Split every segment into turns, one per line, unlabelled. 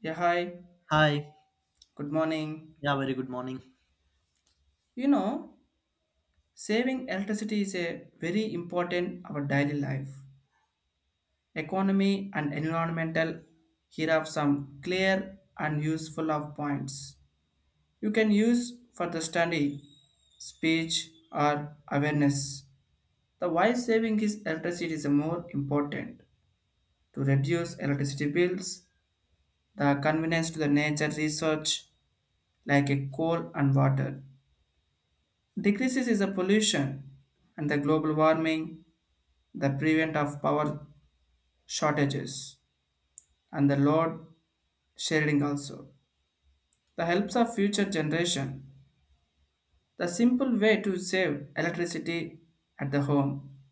Yeah, hi.
Hi.
Good morning.
Yeah, very good morning.
You know, saving electricity is a very important our daily life. Economy and environmental here are some clear and useful of points. You can use for the study, speech or awareness. The why saving is electricity is more important to reduce electricity bills, the convenience to the nature research like a coal and water. Decreases is the pollution and the global warming, the prevent of power shortages and the load sharing also. The helps of future generation. The simple way to save electricity at the home.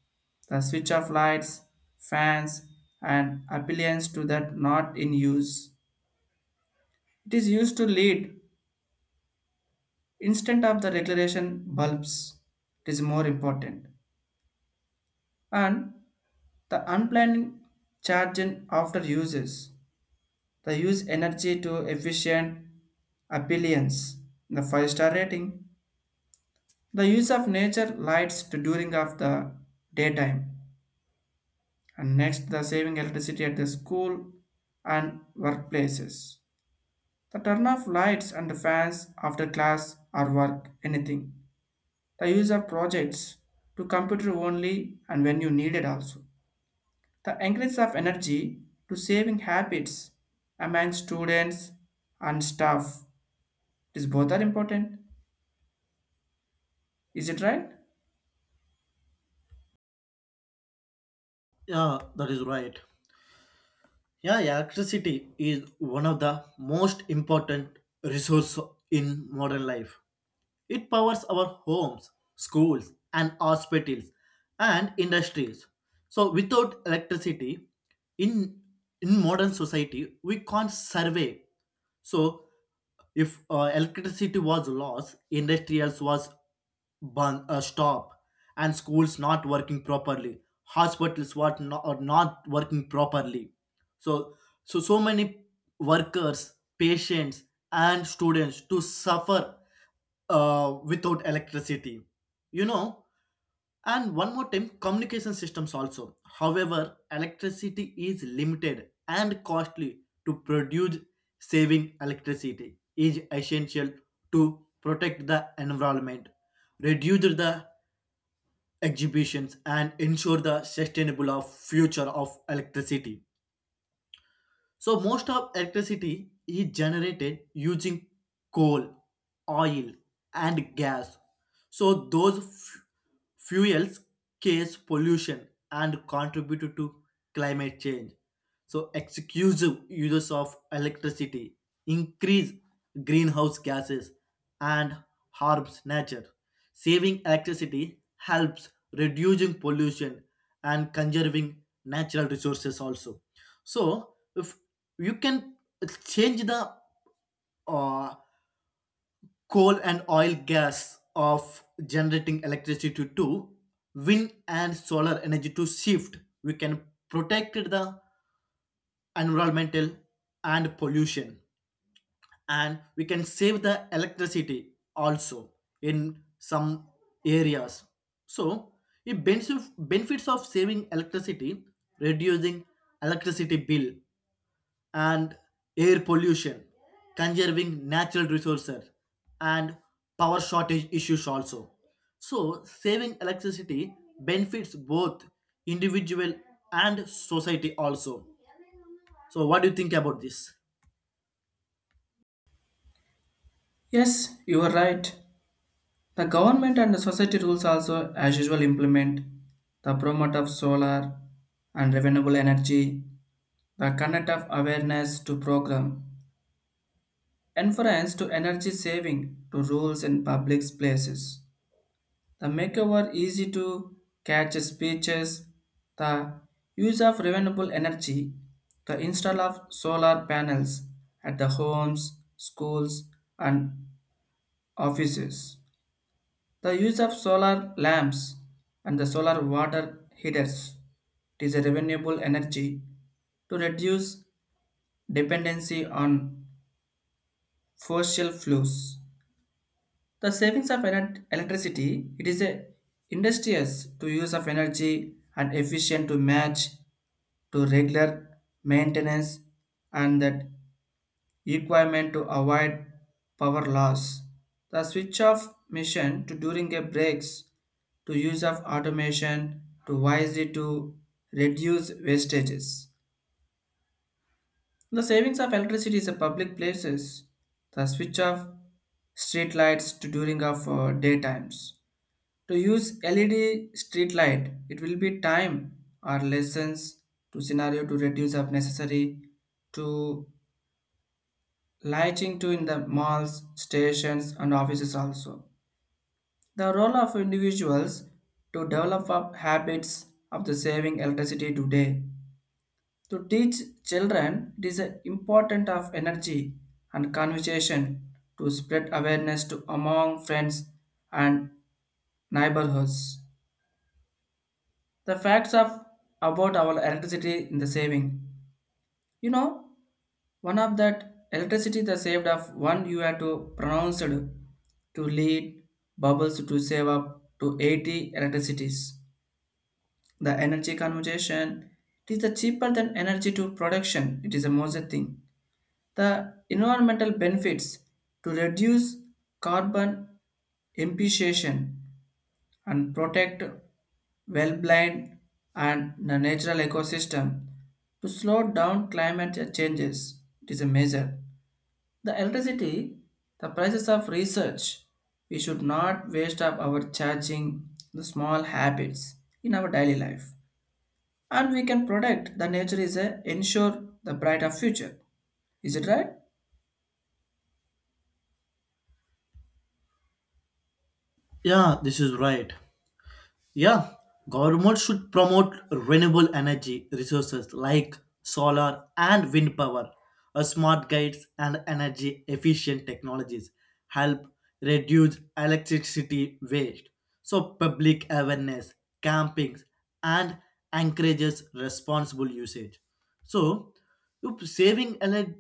The switch off lights, fans and appliances to that not in use. It is used to lead instead of the regulation bulbs. It is more important. And the unplanned charging after uses. They use energy to efficient appliance. The five-star rating. The use of nature lights to during of the daytime. And next the saving electricity at the school and workplaces. The turn off lights and fans after class or work, anything. The use of projects to computer only and when you need it also. The increase of energy to saving habits among students and staff is both are important. Is it right?
Yeah, that is right. Yeah, electricity is one of the most important resource in modern life. It powers our homes, schools, and hospitals and industries. So without electricity, in in modern society, we can't survive. So if electricity was lost, industrials was stop, and schools not working properly, hospitals what not, are not working properly. So so many workers, patients, and students to suffer without electricity. You know, and one more time, communication systems also. However, electricity is limited and costly to produce, saving electricity is essential to protect the environment, reduce the exhibitions, and ensure the sustainable of future of electricity. So most of electricity is generated using coal, oil, and gas. So those fuels cause pollution and contribute to climate change. So exclusive uses of electricity increase greenhouse gases and harms nature. Saving electricity helps reducing pollution and conserving natural resources also. So if you can change the uh, coal and oil gas of generating electricity to wind and solar energy to shift, we can protect the environmental and pollution, and we can save the electricity also in some areas. So it benefits of saving electricity, reducing electricity bill and air pollution, conserving natural resources, and power shortage issues also. So, saving electricity benefits both individual and society also. So, what do you think about this?
Yes, you are right. The government and the society rules also, as usual, implement the promote of solar and renewable energy, the conduct of awareness to program, inference to energy saving to rules in public places, the makeover easy to catch speeches, the use of renewable energy, the install of solar panels at the homes, schools, and offices. The use of solar lamps and the solar water heaters, it is a renewable energy to reduce dependency on fossil fuels. The savings of electricity, it is a industrious to use of energy and efficient to match to regular maintenance and that requirement to avoid power loss. The switch off mission to during a breaks to use of automation to wisely to reduce wastages. The savings of electricity is a public places. The switch off street lights to during of daytimes. To use LED street light, it will be time or lessons to scenario to reduce of necessary to lighting too in the malls, stations, and offices also. The role of individuals to develop up habits of the saving electricity today. To teach children, it is a important of energy and conversation to spread awareness to among friends and neighborhoods. The facts of about our electricity in the saving. You know, One of that electricity the saved of one you had to pronounced to lead bubbles to save up to 80 electricities. The energy conservation, it is the cheaper than energy to production. It is a most thing. The environmental benefits to reduce carbon emission and protect well-blind and the natural ecosystem to slow down climate changes. It is a measure the electricity, the prices of research. We should not waste up our charging the small habits in our daily life. And we can protect the nature is a ensure the brighter future. Is it right?
Yeah, this is right. Yeah, government should promote renewable energy resources like solar and wind power. Smart gates and energy efficient technologies help reduce electricity waste. So, public awareness, campings, and encourages responsible usage. So, saving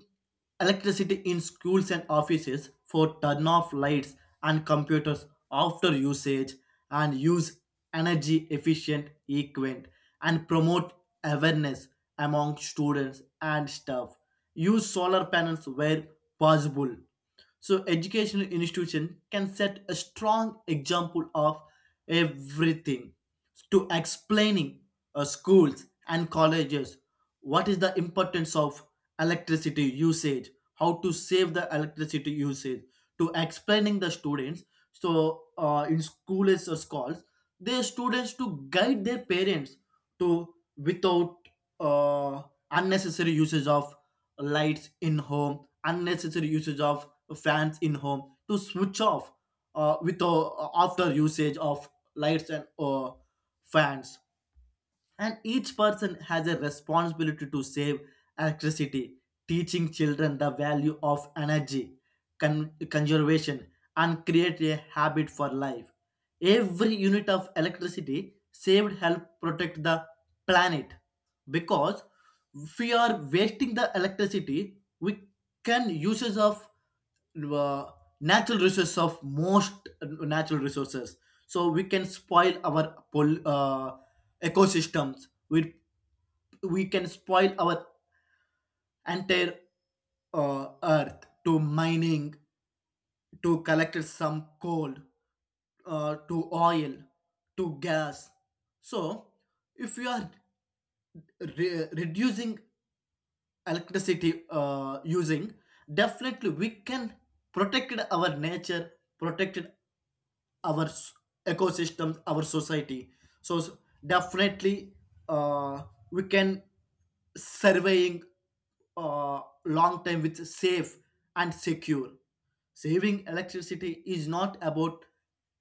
electricity in schools and offices for turn off lights and computers after usage and use energy efficient equipment and promote awareness among students and staff. Use solar panels where possible, so educational institution can set a strong example of everything. To explaining schools and colleges what is the importance of electricity usage, how to save the electricity usage, to explaining the students. So in schools or schools, their students to guide their parents to without uh, unnecessary usage of lights in home, unnecessary usage of fans in home, to switch off with after usage of lights and fans. And each person has a responsibility to save electricity, teaching children the value of energy conservation and create a habit for life. Every unit of electricity saved help protect the planet, because if we are wasting the electricity we can uses of uh, natural resources of most natural resources, so we can spoil our ecosystems. We can spoil our entire earth to mining, to collect some coal, to oil, to gas. So, if you are reducing electricity using, definitely we can protect our nature, protect our ecosystems, our society. So, definitely uh, we can surveying long time with safe and secure. Saving electricity is not about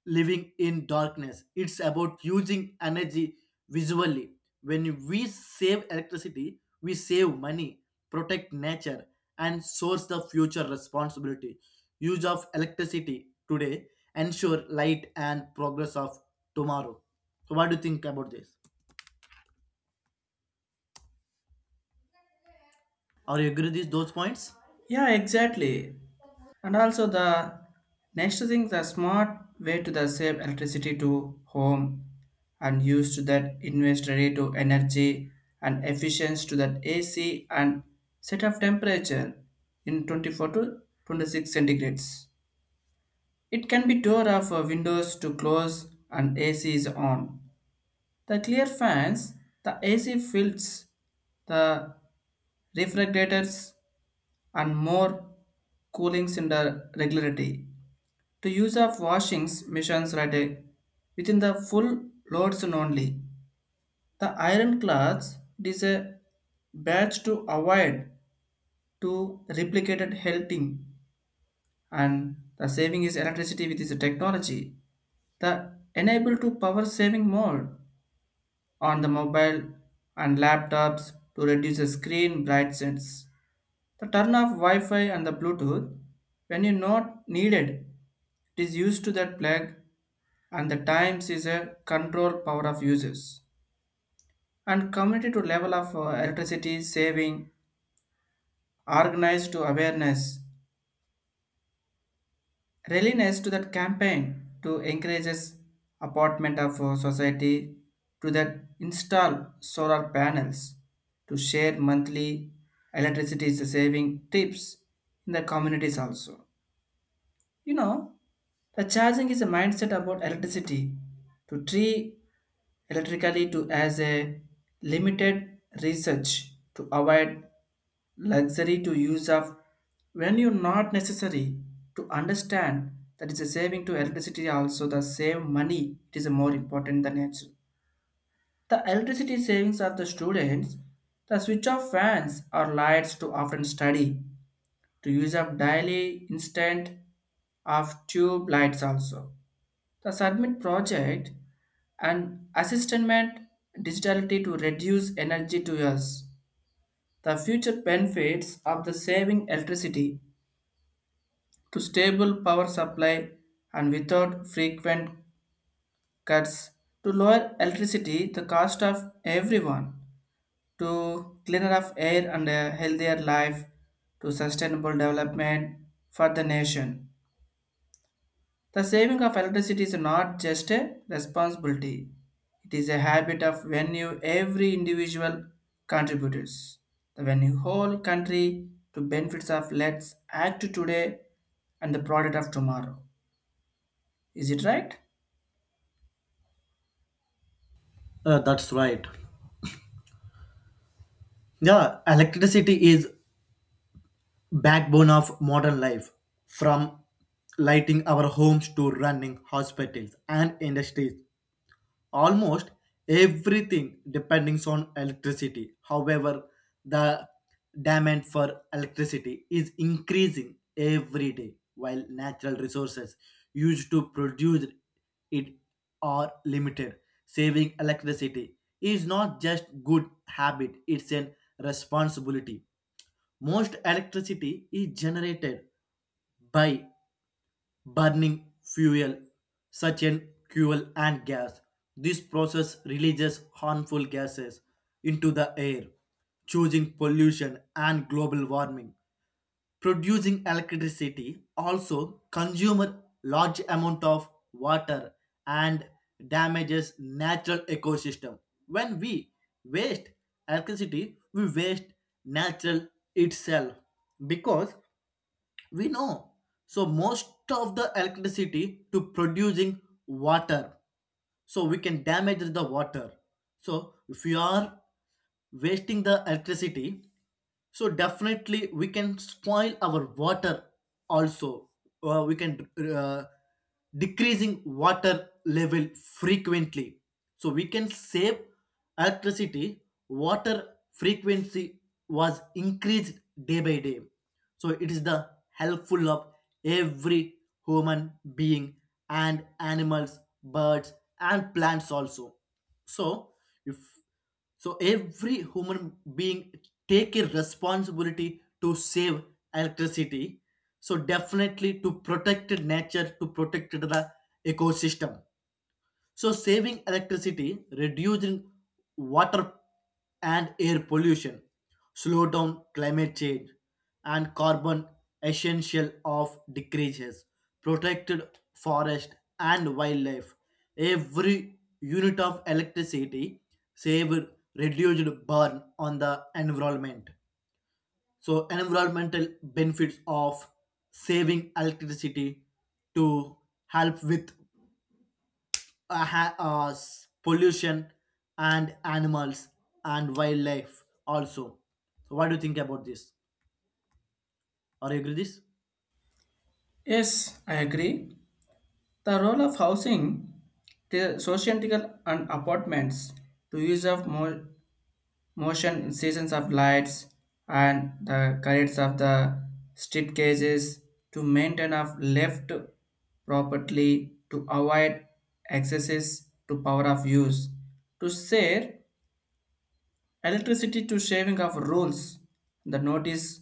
living in darkness, it's about using energy visually. When we save electricity, we save money, protect nature, and source the future responsibility. Use of electricity today ensure light and progress of tomorrow. So, what do you think about this? Are you agree with these those points?
Yeah, exactly. And also the next thing, the smart way to the save electricity to home and use to that invest rate to energy and efficiency to that AC and set of temperature in 24 to 26 centigrades. It can be door of windows to close and AC is on. The clear fans, the AC fills, the refrigerators and more coolings in the regularity. To use of washings machines right within the full loads and only. The iron cloths, it is a batch to avoid to replicated helting and the saving is electricity with this technology. The enable to power saving mode on the mobile and laptops to reduce the screen brightness. To turn off Wi-Fi and the Bluetooth when you not needed. It is used to that plug and the times is a control power of users and community to level of electricity saving, organized to awareness readiness to that campaign to encourages apartment of society to that install solar panels to share monthly electricity saving tips in the communities also. You know, the charging is a mindset about electricity to treat electrically to as a limited research to avoid luxury to use of when you not necessary to understand that it's a saving to electricity also, the save money it is a more important than nature. The electricity savings of the students, the switch off fans or lights to often study to use up daily instant of tube lights also. The submit project and assistment digitality to reduce energy to us. The future benefits of the saving electricity to stable power supply and without frequent cuts to lower electricity the cost of everyone to cleaner of air and a healthier life to sustainable development for the nation. The saving of electricity is not just a responsibility, it is a habit of when you every individual contributors. The when you whole country to benefits of let's act today and the product of tomorrow. Is it right?
That's right. Yeah, electricity is backbone of modern life. From lighting our homes to running hospitals and industries, almost everything depends on electricity. However, the demand for electricity is increasing every day while natural resources used to produce it are limited. Saving electricity is not just good habit, it's an responsibility. Most electricity is generated by burning fuel, such as fuel and gas. This process releases harmful gases into the air, causing pollution and global warming. Producing electricity also consumes large amount of water and damages natural ecosystem. When we waste electricity we waste natural itself, because we know so most of the electricity to producing water, so we can damage the water. So if we are wasting the electricity, so definitely we can spoil our water also, or we can uh, decreasing water level frequently. So we can save electricity. Water frequency was increased day by day, so it is the helpful of every human being and animals, birds, and plants also. So if so every human being take a responsibility to save electricity, so definitely to protect nature, to protect the ecosystem. So saving electricity, reducing water and air pollution, slow down climate change, and carbon essential of decreases, protected forest and wildlife. Every unit of electricity saved reduced burn on the environment. So environmental benefits of saving electricity to help with pollution and animals and wildlife also. So what do you think about this? Are you agree this?
Yes, I agree. The role of housing, the social and apartments, to use of more motion seasons of lights and the currents of the strip cages to maintain of left properly to avoid excesses to power of use to share electricity to shaving of rules, the notice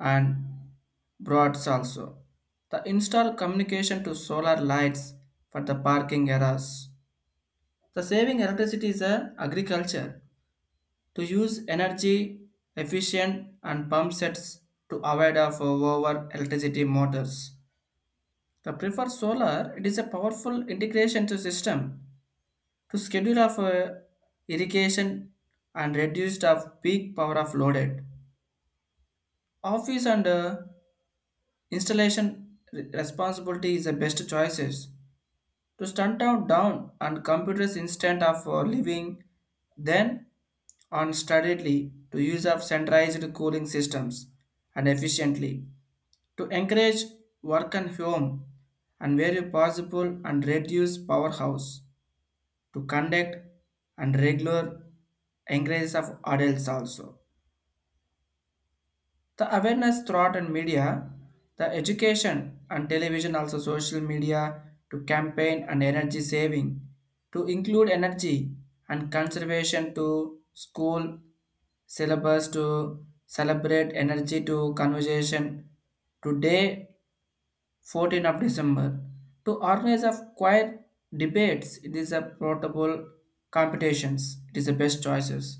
and broads also, the install communication to solar lights for the parking areas. The saving electricity is a agriculture to use energy efficient and pump sets to avoid of over electricity motors. The prefer solar, it is a powerful integration to system to schedule of irrigation and reduced of peak power of loaded. Office and installation responsibility is the best choices to stunt out down and computers instead of living then on steadily to use of centralized cooling systems and efficiently to encourage work and home and where possible and reduce powerhouse to conduct and regular encourages of adults also. The awareness throughout and media, the education and television, also social media to campaign and energy saving, to include energy and conservation to school syllabus to celebrate energy to conversation today December 14th to organize of quiet debates. It is a portable competitions. It is the best choices.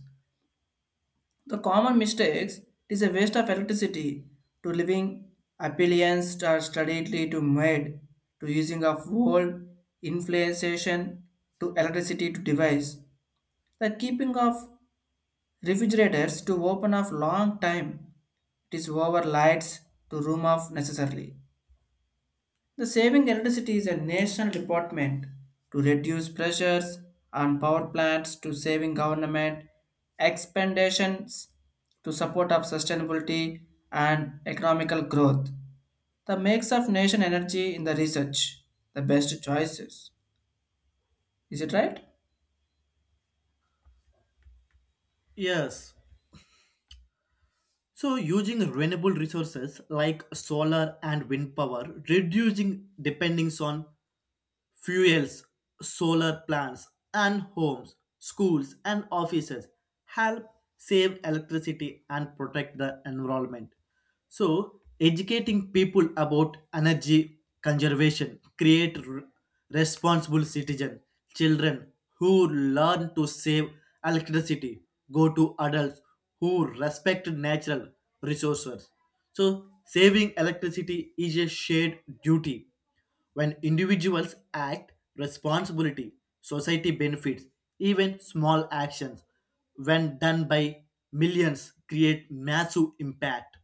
The common mistakes is a waste of electricity to living appliances are steadily to made to using of whole inflation to electricity to device. The keeping of refrigerators to open of long time, it is over lights to room off necessarily. The saving electricity is a national department to reduce pressures on power plants to saving government expansions to support of sustainability and economical growth. The mix of nation energy in the research, the best choices. Is it right?
Yes. So, using renewable resources like solar and wind power, reducing dependence on fuels, solar plants, and homes, schools, and offices help save electricity and protect the environment. So, educating people about energy conservation create responsible citizen. Children who learn to save electricity go to adults who respect natural resources. So, saving electricity is a shared duty. When individuals act responsibility, society benefits. Even small actions, when done by millions, create massive impact.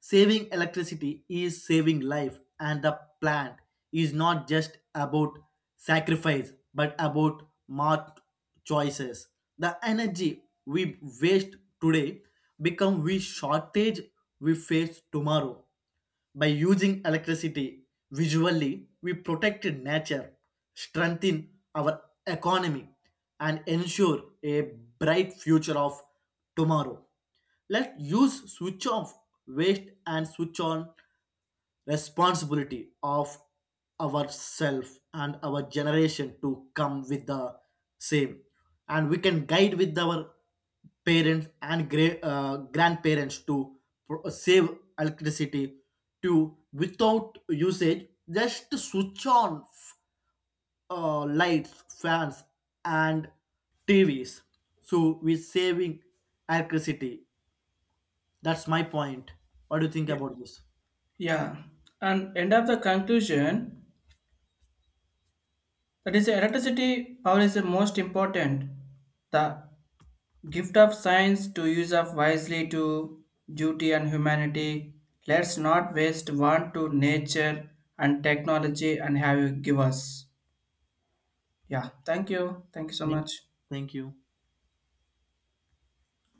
Saving electricity is saving life, and the plant is not just about sacrifice but about smart choices. The energy we waste today become we shortage we face tomorrow. By using electricity visually, we protect nature, strengthen our economy, and ensure a bright future of tomorrow. Let's use switch off waste and switch on responsibility of ourselves and our generation to come with the same. And we can guide with our parents and grandparents to save electricity, to without usage just switch on lights, fans, and TVs, so we're saving electricity. That's my point. What do you think
Yeah.
about this?
Yeah. And end of the conclusion that is electricity power is the most important. The gift of science to use of wisely to duty and humanity. Let's not waste one to nature and technology and have you give us. Yeah, thank you. Thank you so
Thank
much.
thank you.